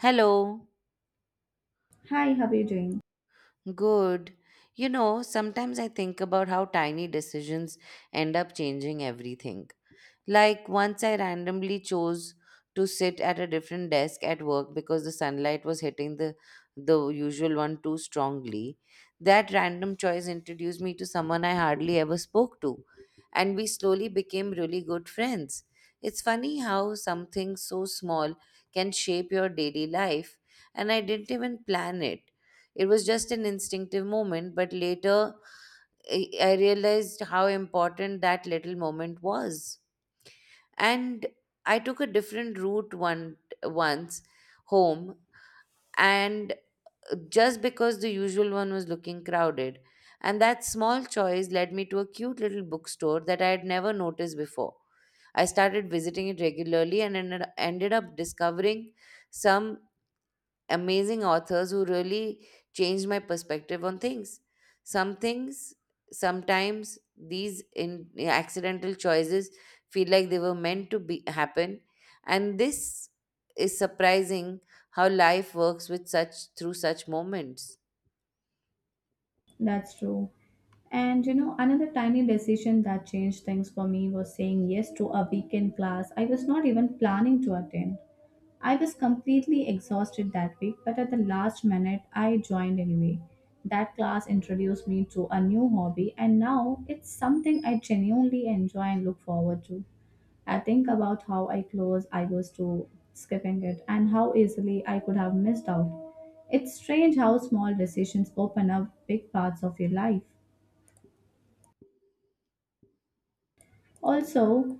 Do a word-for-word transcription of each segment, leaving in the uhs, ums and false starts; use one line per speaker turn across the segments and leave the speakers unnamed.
Hello.
Hi, how are you doing?
Good. You know, sometimes I think about how tiny decisions end up changing everything. Like once I randomly chose to sit at a different desk at work because the sunlight was hitting the the usual one too strongly. That random choice introduced me to someone I hardly ever spoke to, and we slowly became really good friends. It's funny how something so small can shape your daily life, and I didn't even plan it It was just an instinctive moment, but later I I realized how important that little moment was. And I took a different route one once home, and just because the usual one was looking crowded. And that small choice led me to a cute little bookstore that I had never noticed before. I started visiting it regularly and ended ended up discovering some amazing authors who really changed my perspective on things. Some things, Sometimes these in, eh, accidental choices feel like they were meant to be happen, and this is surprising how life works with such through such moments.
That's true. And you know, another tiny decision that changed things for me was saying yes to a weekend class I was not even planning to attend. I was completely exhausted that week, but at the last minute, I joined anyway. That class introduced me to a new hobby, and now it's something I genuinely enjoy and look forward to. I think about how I close I was to skipping it and how easily I could have missed out. It's strange how small decisions open up big parts of your life. Also,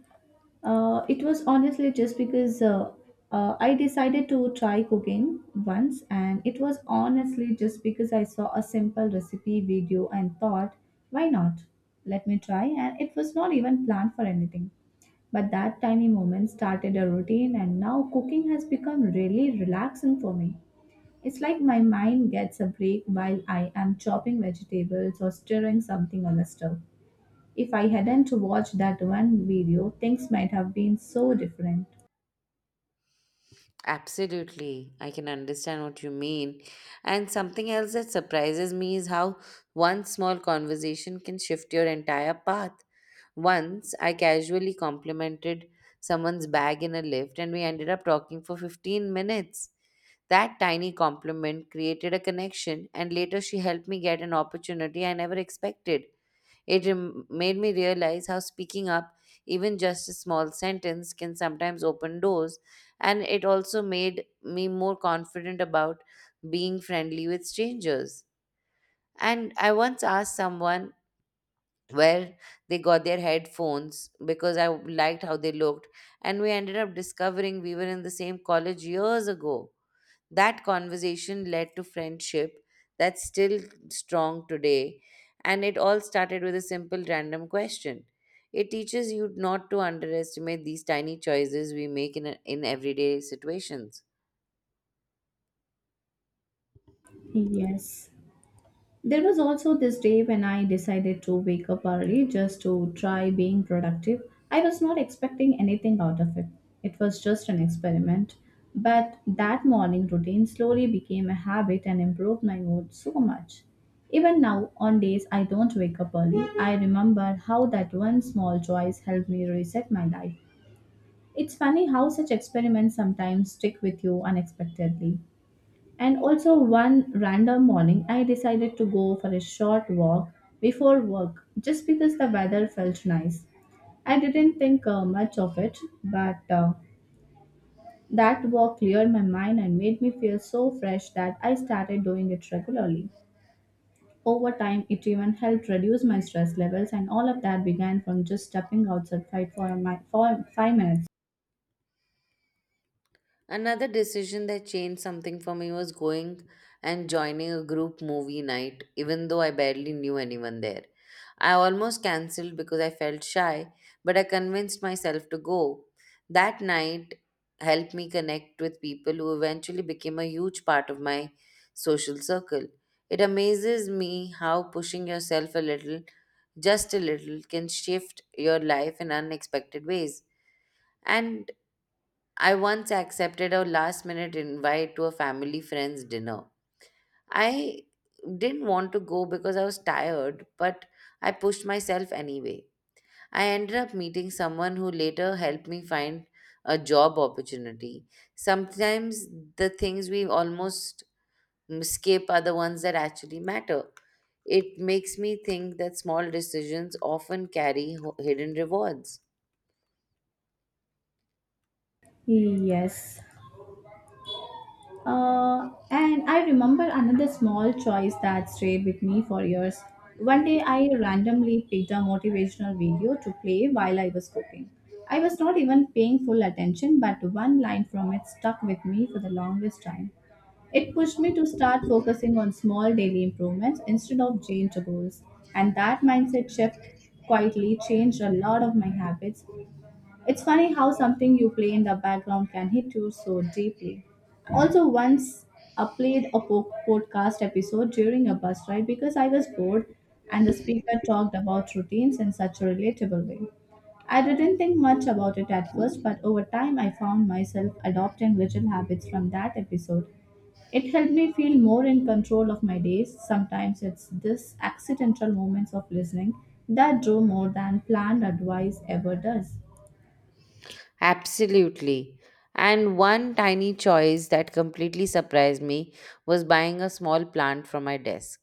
uh, it was honestly just because uh, uh, I decided to try cooking once, and it was honestly just because I saw a simple recipe video and thought, why not? Let me try, and it was not even planned for anything. But that tiny moment started a routine, and now cooking has become really relaxing for me. It's like my mind gets a break while I am chopping vegetables or stirring something on the stove. If I hadn't watched that one video, things might have been so different.
Absolutely, I can understand what you mean. And something else that surprises me is how one small conversation can shift your entire path. Once I casually complimented someone's bag in a lift, and we ended up talking for fifteen minutes. That tiny compliment created a connection, and later she helped me get an opportunity I never expected. It rem- made me realize how speaking up, even just a small sentence, can sometimes open doors, and it also made me more confident about being friendly with strangers. And I once asked someone where they got their headphones because I liked how they looked. And we ended up discovering we were in the same college years ago. That conversation led to friendship that's still strong today. And it all started with a simple random question. It teaches you not to underestimate these tiny choices we make in, in everyday situations.
Yes, there was also this day when I decided to wake up early just to try being productive. I was not expecting anything out of it. It was just an experiment. But that morning routine slowly became a habit and improved my mood so much. Even now, on days I don't wake up early, I remember how that one small choice helped me reset my life. It's funny how such experiments sometimes stick with you unexpectedly. And also, one random morning, I decided to go for a short walk before work just because the weather felt nice. I didn't think uh, much of it, but uh, that walk cleared my mind and made me feel so fresh that I started doing it regularly. Over time, it even helped reduce my stress levels, and all of that began from just stepping outside for, my, for five minutes.
Another decision that changed something for me was going and joining a group movie night, even though I barely knew anyone there. I almost cancelled because I felt shy, but I convinced myself to go. That night helped me connect with people who eventually became a huge part of my social circle. It amazes me how pushing yourself a little, just a little, can shift your life in unexpected ways. And I once accepted a last minute invite to a family friend's dinner. I didn't want to go because I was tired, but I pushed myself anyway. I ended up meeting someone who later helped me find a job opportunity. Sometimes the things we almost skip are the ones that actually matter. It makes me think that small decisions often carry ho- hidden rewards.
Yes. Uh, and I remember another small choice that stayed with me for years. One day I randomly picked a motivational video to play while I was cooking. I was not even paying full attention, but one line from it stuck with me for the longest time. It pushed me to start focusing on small daily improvements instead of giant goals. And that mindset shift quietly changed a lot of my habits. It's funny how something you play in the background can hit you so deeply. Also, once I played a po- podcast episode during a bus ride because I was bored, and the speaker talked about routines in such a relatable way. I didn't think much about it at first, but over time I found myself adopting little habits from that episode. It helped me feel more in control of my days. Sometimes it's this accidental moments of listening that do more than planned advice ever does.
Absolutely. And one tiny choice that completely surprised me was buying a small plant from my desk.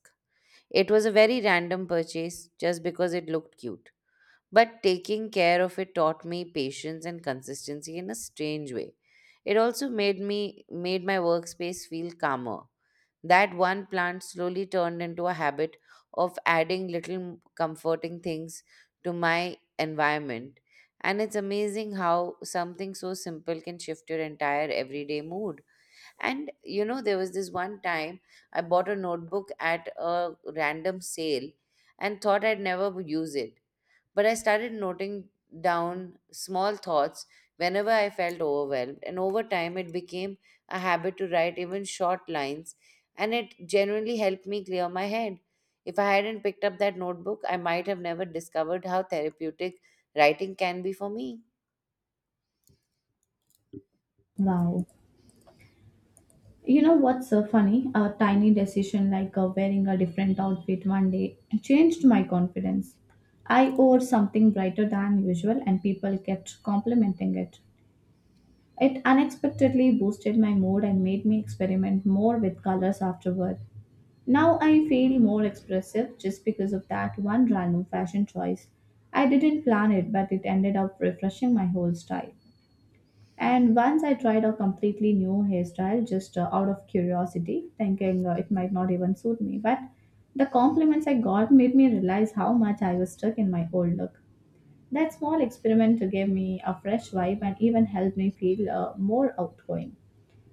It was a very random purchase just because it looked cute. But taking care of it taught me patience and consistency in a strange way. It also made me made my workspace feel calmer. That one plant slowly turned into a habit of adding little comforting things to my environment. And it's amazing how something so simple can shift your entire everyday mood. And you know, there was this one time I bought a notebook at a random sale and thought I'd never use it. But I started noting down small thoughts whenever I felt overwhelmed, and over time it became a habit to write even short lines, and it genuinely helped me clear my head. If I hadn't picked up that notebook, I might have never discovered how therapeutic writing can be for me.
Wow. You know what's so funny? A tiny decision like uh, wearing a different outfit one day changed my confidence. I wore something brighter than usual, and people kept complimenting it. It unexpectedly boosted my mood and made me experiment more with colors afterward. Now I feel more expressive just because of that one random fashion choice. I didn't plan it, but it ended up refreshing my whole style. And once I tried a completely new hairstyle just uh, out of curiosity, thinking uh, it might not even suit me. But the compliments I got made me realize how much I was stuck in my old look. That small experiment gave me a fresh vibe and even helped me feel uh, more outgoing.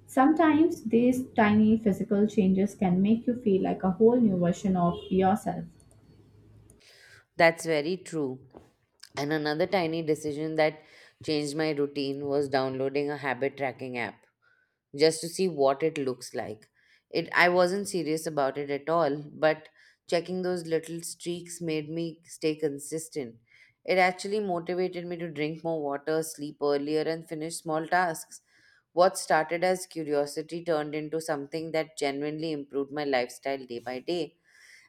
Sometimes these tiny physical changes can make you feel like a whole new version of yourself.
That's very true. And another tiny decision that changed my routine was downloading a habit tracking app just to see what it looks like. It I wasn't serious about it at all, but checking those little streaks made me stay consistent. It actually motivated me to drink more water, sleep earlier, and finish small tasks. What started as curiosity turned into something that genuinely improved my lifestyle day by day.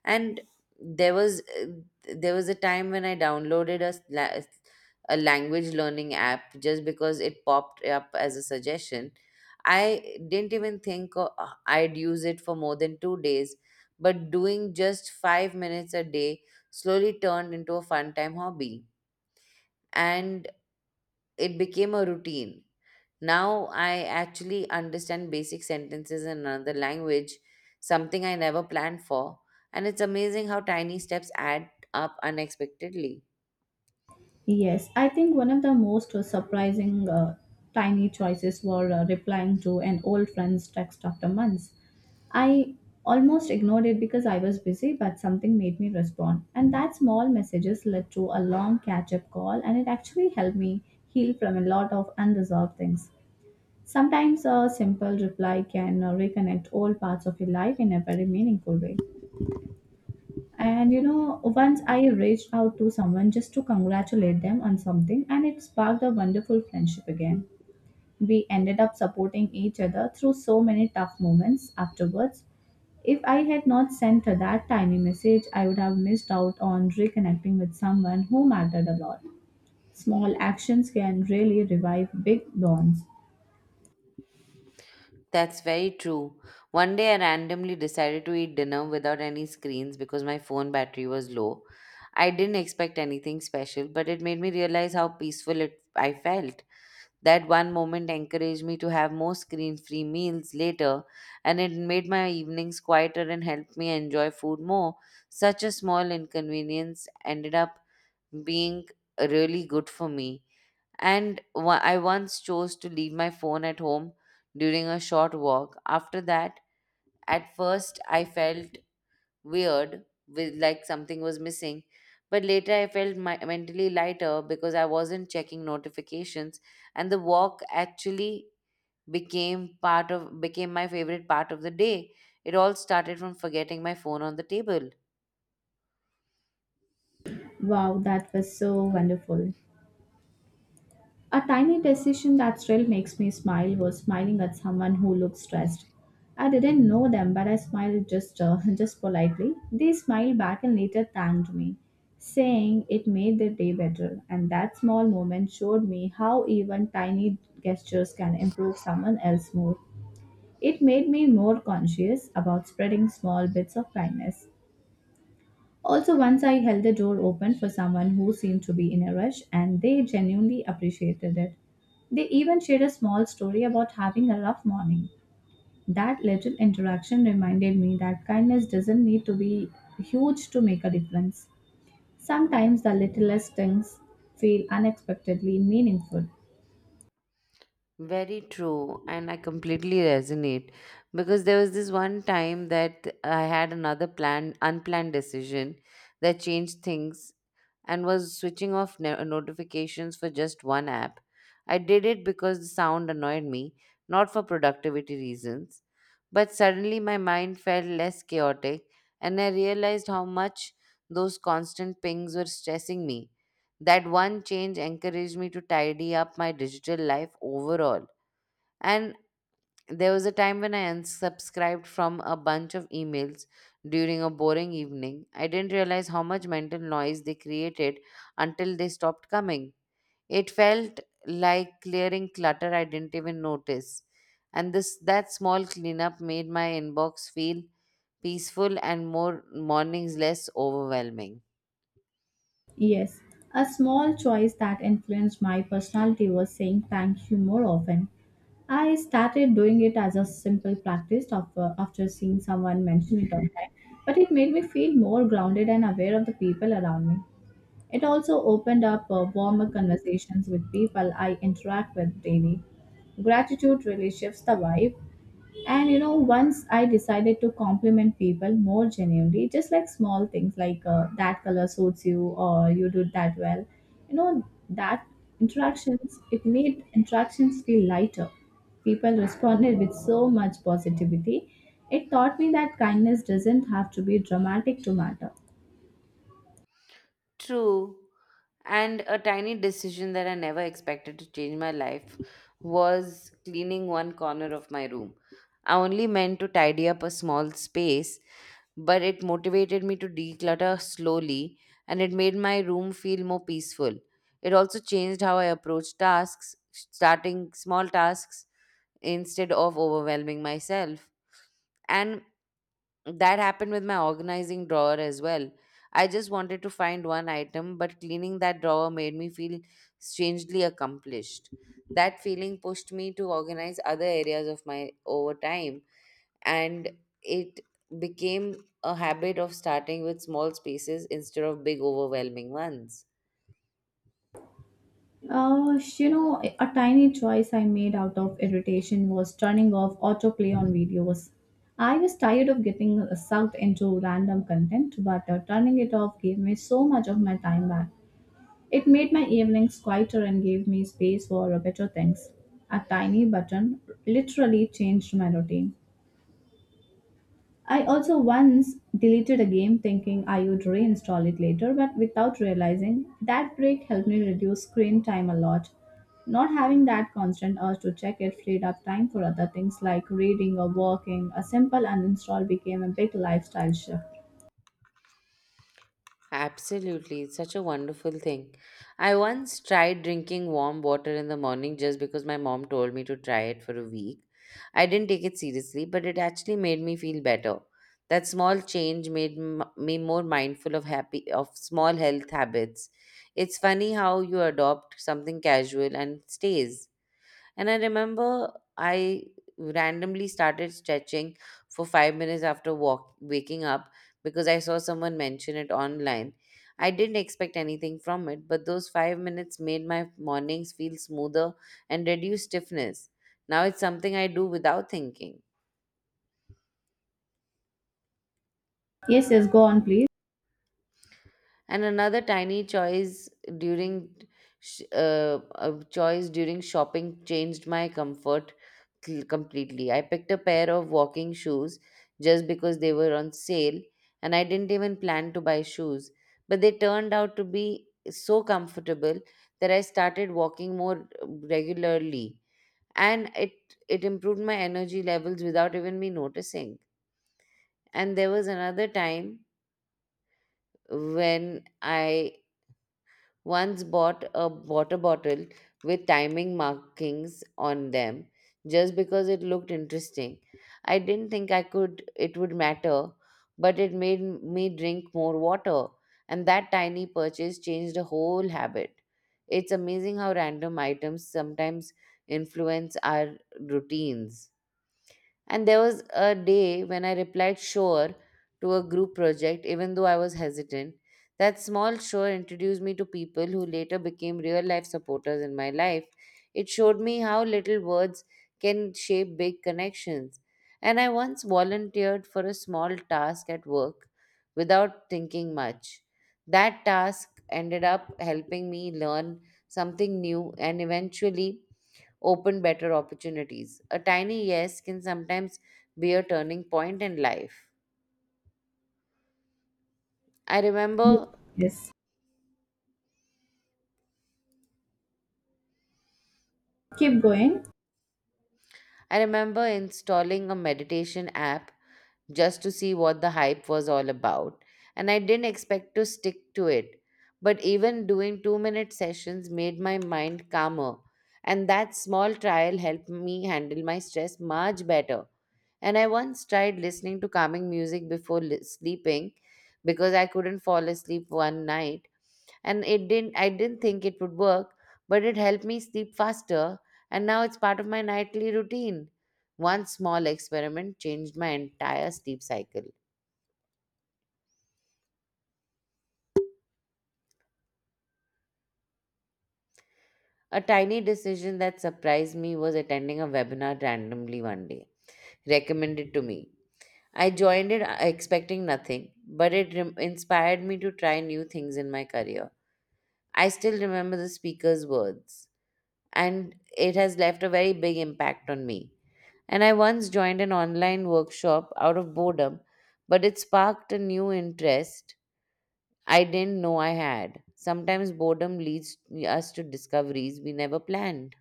And there was uh, there was a time when i downloaded a, s- la a language learning app just because it popped up as a suggestion. I didn't even think i i'd use it for more than two days, but doing just five minutes a day slowly turned into a fun time hobby. And it became a routine. Now I actually understand basic sentences in another language, something I never planned for, and it's amazing how tiny steps add up unexpectedly.
Yes, I think one of the most uh, surprising uh, tiny choices were uh, replying to an old friend's text after months. I almost ignored it because I was busy, but something made me respond. And that small messages led to a long catch up call, and it actually helped me heal from a lot of unresolved things. Sometimes a simple reply can uh, reconnect all parts of your life in a very meaningful way. And you know, once I reached out to someone just to congratulate them on something, and it sparked a wonderful friendship again. We ended up supporting each other through so many tough moments afterwards. If I had not sent her that tiny message, I would have missed out on reconnecting with someone who mattered a lot. Small actions can really revive big bonds.
That's very true. One day I randomly decided to eat dinner without any screens because my phone battery was low. I didn't expect anything special, but it made me realize how peaceful it I felt. That one moment encouraged me to have more screen free meals later, and it made my evenings quieter and helped me enjoy food more. Such a small inconvenience ended up being really good for me. And wa- I once chose to leave my phone at home during a short walk. After that, at first, I felt weird, with like something was missing. But later, I felt my, mentally lighter because I wasn't checking notifications, and the walk actually became part of became my favorite part of the day. It all started from forgetting my phone on the table.
Wow, that was so wonderful. A tiny decision that still makes me smile was smiling at someone who looked stressed. I didn't know them, but I smiled just uh, just politely. They smiled back and later thanked me, saying it made their day better. And that small moment showed me how even tiny gestures can improve someone else's mood. It made me more conscious about spreading small bits of kindness. Also, once I held the door open for someone who seemed to be in a rush, and they genuinely appreciated it. They even shared a small story about having a rough morning. That little interaction reminded me that kindness doesn't need to be huge to make a difference. Sometimes the littlest things feel unexpectedly meaningful.
Very true, and I completely resonate because there was this one time that I had another planned unplanned decision that changed things, and was switching off no- notifications for just one app. I did it because the sound annoyed me, not for productivity reasons. But suddenly my mind felt less chaotic, and I realized how much those constant pings were stressing me. That one change encouraged me to tidy up my digital life overall. And there was a time when I unsubscribed from a bunch of emails during a boring evening. I didn't realize how much mental noise they created until they stopped coming. It felt like clearing clutter I didn't even notice. And this that small cleanup made my inbox feel peaceful and more mornings less overwhelming.
Yes, a small choice that influenced my personality was saying thank you more often. I started doing it as a simple practice after, after seeing someone mention it online, but it made me feel more grounded and aware of the people around me. It also opened up uh, warmer conversations with people I interact with daily. Gratitude really shifts the vibe. And you know, once I decided to compliment people more genuinely, just like small things like uh, that color suits you or you did that well, you know, that interactions, it made interactions feel lighter. People responded with so much positivity. It taught me that kindness doesn't have to be dramatic to matter.
True. And a tiny decision that I never expected to change my life was cleaning one corner of my room. I only meant to tidy up a small space, but it motivated me to declutter slowly, and it made my room feel more peaceful. It also changed how I approach tasks, starting small tasks instead of overwhelming myself. And that happened with my organizing drawer as well. I just wanted to find one item, but cleaning that drawer made me feel strangely accomplished. That feeling pushed me to organize other areas of my over time, and it became a habit of starting with small spaces instead of big, overwhelming ones.
Uh, you know, a tiny choice I made out of irritation was turning off autoplay on videos. I was tired of getting sucked into random content, but uh, turning it off gave me so much of my time back. It made my evenings quieter and gave me space for uh, better things. A tiny button literally changed my routine. I also once deleted a game thinking I would reinstall it later, but without realizing that break helped me reduce screen time a lot. Not having that constant urge to check it freed up time for other things like reading or working. A simple uninstall became a big lifestyle shift.
Absolutely, it's such a wonderful thing. I once tried drinking warm water in the morning just because my mom told me to try it for a week. I didn't take it seriously, but it actually made me feel better. That small change made m- me more mindful of happy of small health habits. It's funny how you adopt something casual and it stays. And I remember I randomly started stretching for five minutes after walk, waking up because I saw someone mention it online. I didn't expect anything from it, but those five minutes made my mornings feel smoother and reduced stiffness. Now it's something I do without thinking.
Yes, yes, go on, please.
And another tiny choice during sh- uh, a choice during shopping changed my comfort cl- completely. I picked a pair of walking shoes just because they were on sale, and I didn't even plan to buy shoes, but they turned out to be so comfortable that I started walking more uh, regularly, and it it improved my energy levels without even me noticing. And there was another time when I once bought a water bottle with timing markings on them just because it looked interesting. I didn't think I could it would matter, but it made me drink more water, and that tiny purchase changed the whole habit. It's amazing how random items sometimes influence our routines. And there was a day when I replied sure to a group project, even though I was hesitant. That small sure introduced me to people who later became real life supporters in my life. It showed me how little words can shape big connections. And I once volunteered for a small task at work without thinking much. That task ended up helping me learn something new and eventually open better opportunities. A tiny yes can sometimes be a turning point in life. I
Ye-
remember
Yes. Keep going.
I remember installing a meditation app just to see what the hype was all about, and I didn't expect to stick to it. But even doing two minute sessions made my mind calmer, and that small trial helped me handle my stress much better. And I once tried listening to calming music before li- sleeping because I couldn't fall asleep one night, and it didn't I didn't think it would work, but it helped me sleep faster, and now it's part of my nightly routine. One small experiment changed my entire sleep cycle. A tiny decision that surprised me was attending a webinar randomly one day, recommended to me. I joined it uh, expecting nothing, but it rem- inspired me to try new things in my career. I still remember the speaker's words, and it has left a very big impact on me. And I once joined an online workshop out of boredom, but it sparked a new interest I didn't know I had. Sometimes boredom leads us to discoveries we never planned.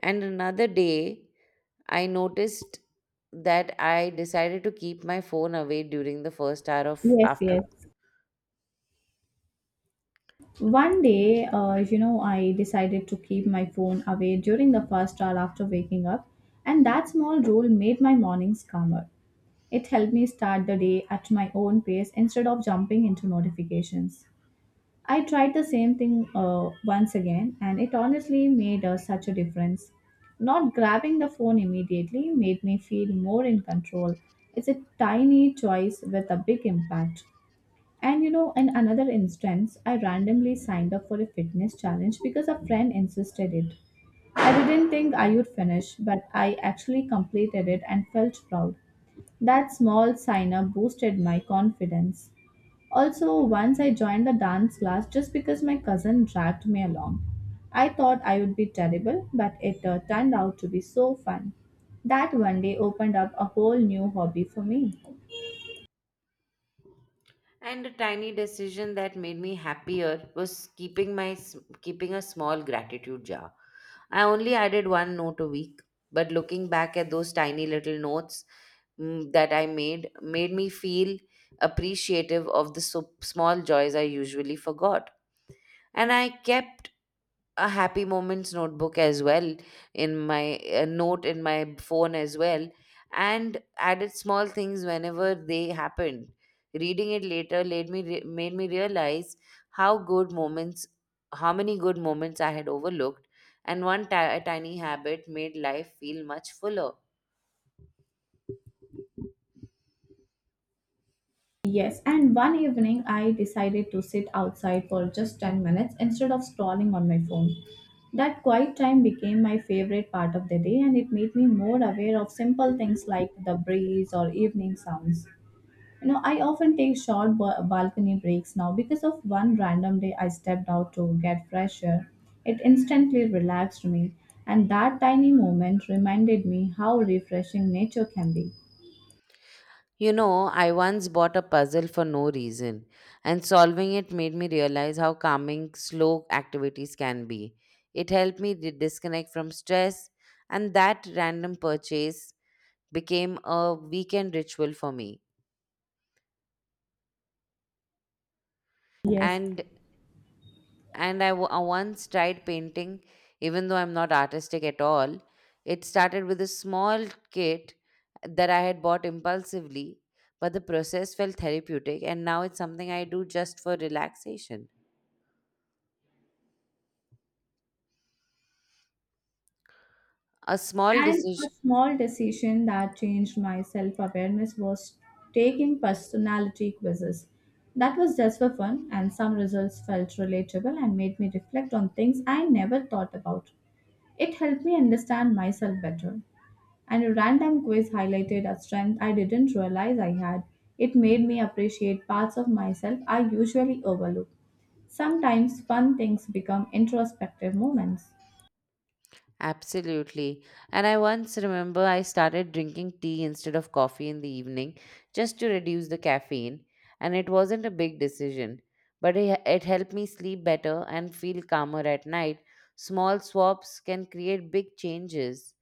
And another day, I noticed that I decided to keep my phone away during the first hour of
Yes,
after.
yes. One day, uh, you know, I decided to keep my phone away during the first hour after waking up, and that small rule made my mornings calmer. It helped me start the day at my own pace instead of jumping into notifications. I tried the same thing uh, once again, and it honestly made uh, such a difference. Not grabbing the phone immediately made me feel more in control. It's a tiny choice with a big impact. And you know, in another instance, I randomly signed up for a fitness challenge because a friend insisted it. I didn't think I would finish, but I actually completed it and felt proud. That small sign up boosted my confidence. Also, once I joined a dance class just because my cousin dragged me along. I thought I would be terrible, but it uh, turned out to be so fun. That one day opened up a whole new hobby for me.
And a tiny decision that made me happier was keeping my s- keeping a small gratitude jar. I only added one note a week, but looking back at those tiny little notes mm, that I made made me feel appreciative of the so- small joys I usually forgot. And I kept a happy moments notebook as well, in my a note in my phone as well, and added small things whenever they happened. Reading it later made me re- made me realize how good moments how many good moments I had overlooked, and one ti- tiny habit made life feel much fuller.
Yes, and one evening I decided to sit outside for just ten minutes instead of scrolling on my phone. That quiet time became my favorite part of the day, and it made me more aware of simple things like the breeze or evening sounds. You know, I often take short ba- balcony breaks now because of one random day I stepped out to get fresh air. It instantly relaxed me, and that tiny moment reminded me how refreshing nature can be.
You know, I once bought a puzzle for no reason, and solving it made me realize how calming slow activities can be. It helped me di- disconnect from stress, and that random purchase became a weekend ritual for me.
Yes,
And and I, w- I once tried painting, even though I'm not artistic at all. It started with a small kit that I had bought impulsively, but the process felt therapeutic, and now it's something I do just for relaxation. A small
and a
decision.
small decision that changed my self awareness was taking personality quizzes. That was just for fun, and some results felt relatable and made me reflect on things I never thought about. It helped me understand myself better. And a random quiz highlighted a strength I didn't realize I had. It made me appreciate parts of myself I usually overlook. Sometimes fun things become introspective moments.
Absolutely. And I once remember I started drinking tea instead of coffee in the evening, just to reduce the caffeine. And it wasn't a big decision, but it, it helped me sleep better and feel calmer at night. Small swaps can create big changes.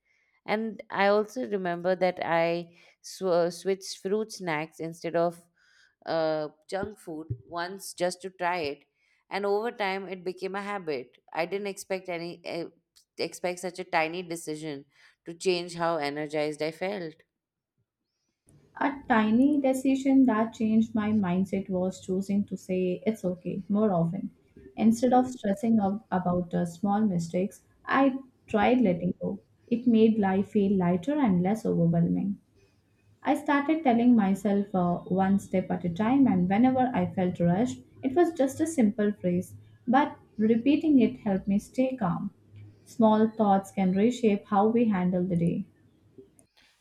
And I also remember that I sw- switched fruit snacks instead of uh, junk food once just to try it, and over time it became a habit. I didn't expect any uh, expect such a tiny decision to change how energized I felt.
A tiny decision that changed my mindset was choosing to say it's okay more often. Instead of stressing out about the small mistakes, I tried letting go. It made life feel lighter and less overwhelming. I started telling myself uh, one step at a time, and whenever I felt rushed, it was just a simple phrase, but repeating it helped me stay calm. Small thoughts can reshape how we handle the day.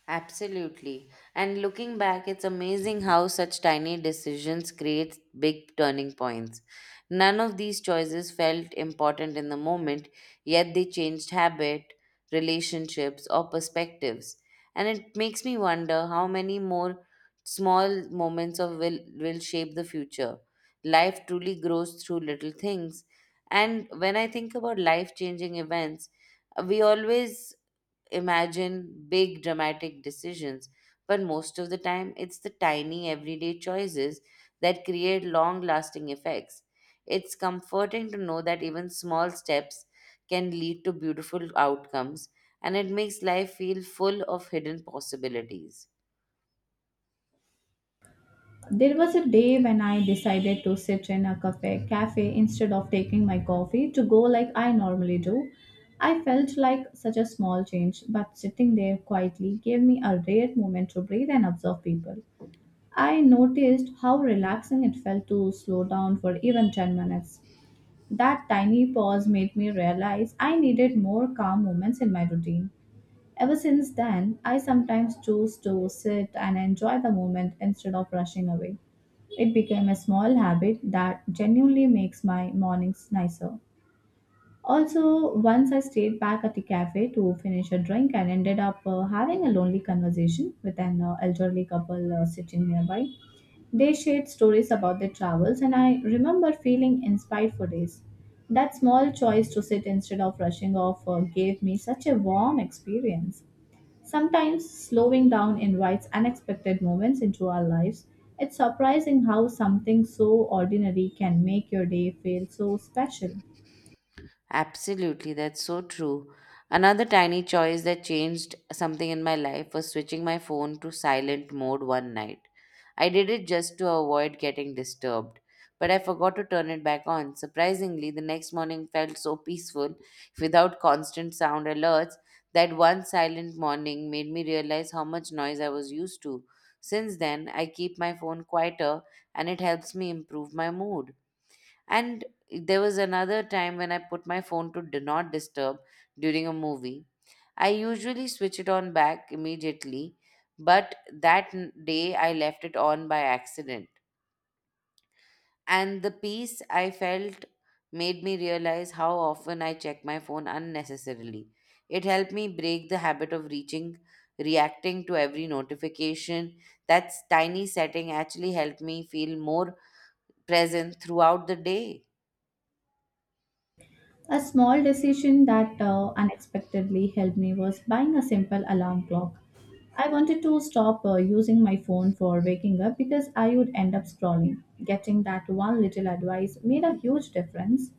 Absolutely. And looking back, it's amazing how such tiny decisions create big turning points. None of these choices felt important in the moment, yet they changed habit, relationships, or perspectives. And it makes me wonder how many more small moments of will will shape the future. Life truly grows through little things. And when I think about life changing events, we always imagine big dramatic decisions, but most of the time it's the tiny everyday choices that create long lasting effects. It's comforting to know that even small steps can lead to beautiful outcomes, and it makes life feel full of hidden possibilities.
There was a day when I decided to sit in a cafe, cafe instead of taking my coffee to go like I normally do. I felt like such a small change, but sitting there quietly gave me a rare moment to breathe and observe people. I noticed how relaxing it felt to slow down for even ten minutes. That tiny pause made me realize I needed more calm moments in my routine. Ever since then, I sometimes choose to sit and enjoy the moment instead of rushing away. It became a small habit that genuinely makes my mornings nicer. Also, once I stayed back at the cafe to finish a drink and ended up uh, having a lonely conversation with an uh, elderly couple uh, sitting nearby. They shared stories about their travels, and I remember feeling inspired for days. That small choice to sit instead of rushing off uh, gave me such a warm experience. Sometimes slowing down invites unexpected moments into our lives. It's surprising how something so ordinary can make your day feel so special.
Absolutely, that's so true. Another tiny choice that changed something in my life was switching my phone to silent mode one night. I did it just to avoid getting disturbed, but I forgot to turn it back on. Surprisingly, the next morning felt so peaceful without constant sound alerts. That one silent morning made me realize how much noise I was used to. Since then, I keep my phone quieter, and it helps me improve my mood. And there was another time when I put my phone to do not disturb during a movie. I usually switch it on back immediately, but that n- day I left it on by accident. And the peace I felt made me realize how often I check my phone unnecessarily. It helped me break the habit of reaching, reacting to every notification. That tiny setting actually helped me feel more present throughout the day.
A small decision that uh, unexpectedly helped me was buying a simple alarm clock. I wanted to stop uh, using my phone for waking up because I would end up scrolling. Getting that one little advice made a huge difference.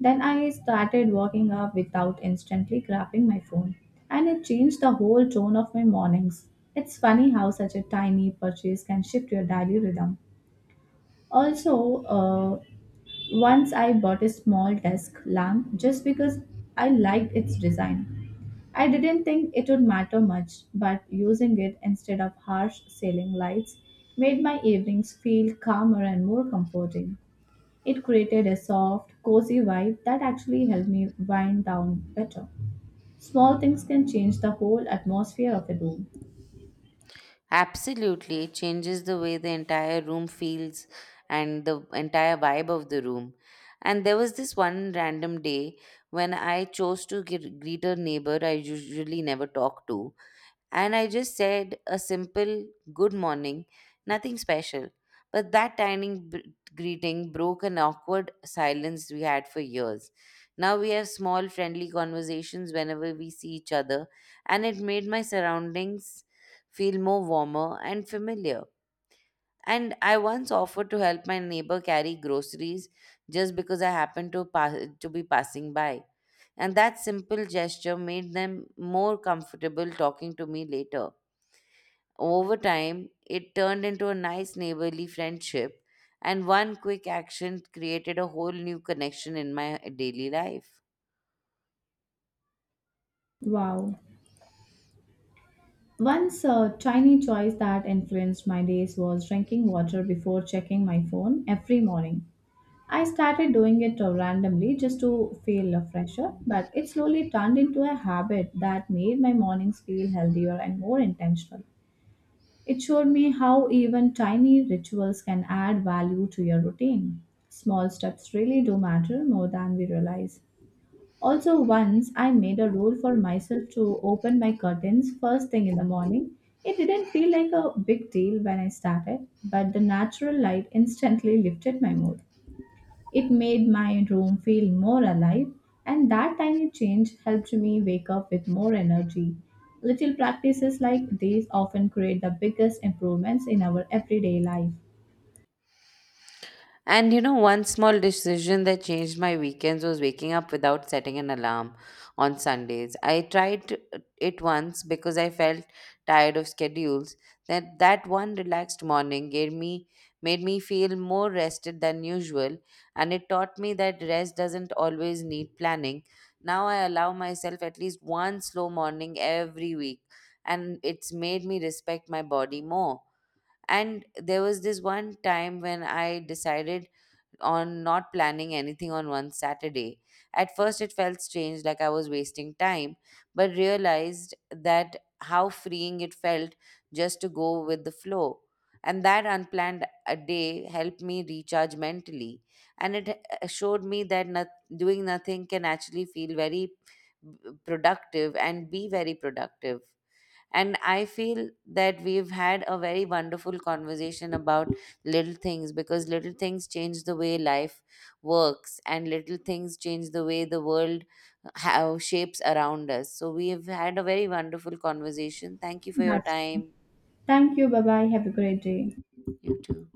Then I started waking up without instantly grabbing my phone, and it changed the whole tone of my mornings. It's funny how such a tiny purchase can shift your daily rhythm. Also, uh, once I bought a small desk lamp just because I liked its design. I didn't think it would matter much, but using it instead of harsh ceiling lights made my evenings feel calmer and more comforting. It created a soft, cozy vibe that actually helped me wind down better. Small things can change the whole atmosphere of a room.
Absolutely, it changes the way the entire room feels and the entire vibe of the room. And there was this one random day when I chose to gre- greet a neighbor I usually never talk to. And I just said a simple good morning, nothing special. But that tiny b- greeting broke an awkward silence we had for years. Now we have small, friendly conversations whenever we see each other, and it made my surroundings feel more warmer and familiar. And I once offered to help my neighbor carry groceries just because I happened to, pass, to be passing by. And that simple gesture made them more comfortable talking to me later. Over time, it turned into a nice neighborly friendship, and one quick action created a whole new connection in my daily life.
Wow. Once a tiny choice that influenced my days was drinking water before checking my phone every morning. I started doing it uh, randomly just to feel uh, fresher, but it slowly turned into a habit that made my mornings feel healthier and more intentional. It showed me how even tiny rituals can add value to your routine. Small steps really do matter more than we realize. Also, once I made a rule for myself to open my curtains first thing in the morning. It didn't feel like a big deal when I started, but the natural light instantly lifted my mood. It made my room feel more alive, and that tiny change helped me wake up with more energy. Little practices like these often create the biggest improvements in our everyday life.
And you know, one small decision that changed my weekends was waking up without setting an alarm on Sundays. I tried it once because I felt tired of schedules. That that one relaxed morning gave me made me feel more rested than usual, and it taught me that rest doesn't always need planning. Now I allow myself at least one slow morning every week, and it's made me respect my body more. And there was this one time when I decided on not planning anything on one Saturday. At first, it felt strange, like I was wasting time, but realized that how freeing it felt just to go with the flow. And that unplanned a day helped me recharge mentally. And it uh, showed me that not, doing nothing can actually feel very b- productive and be very productive. And I feel that we've had a very wonderful conversation about little things, because little things change the way life works, and little things change the way the world how shapes around us. So we've had a very wonderful conversation. Thank you for your
That's
time.
thank you. Bye bye. Have a great day.
You too.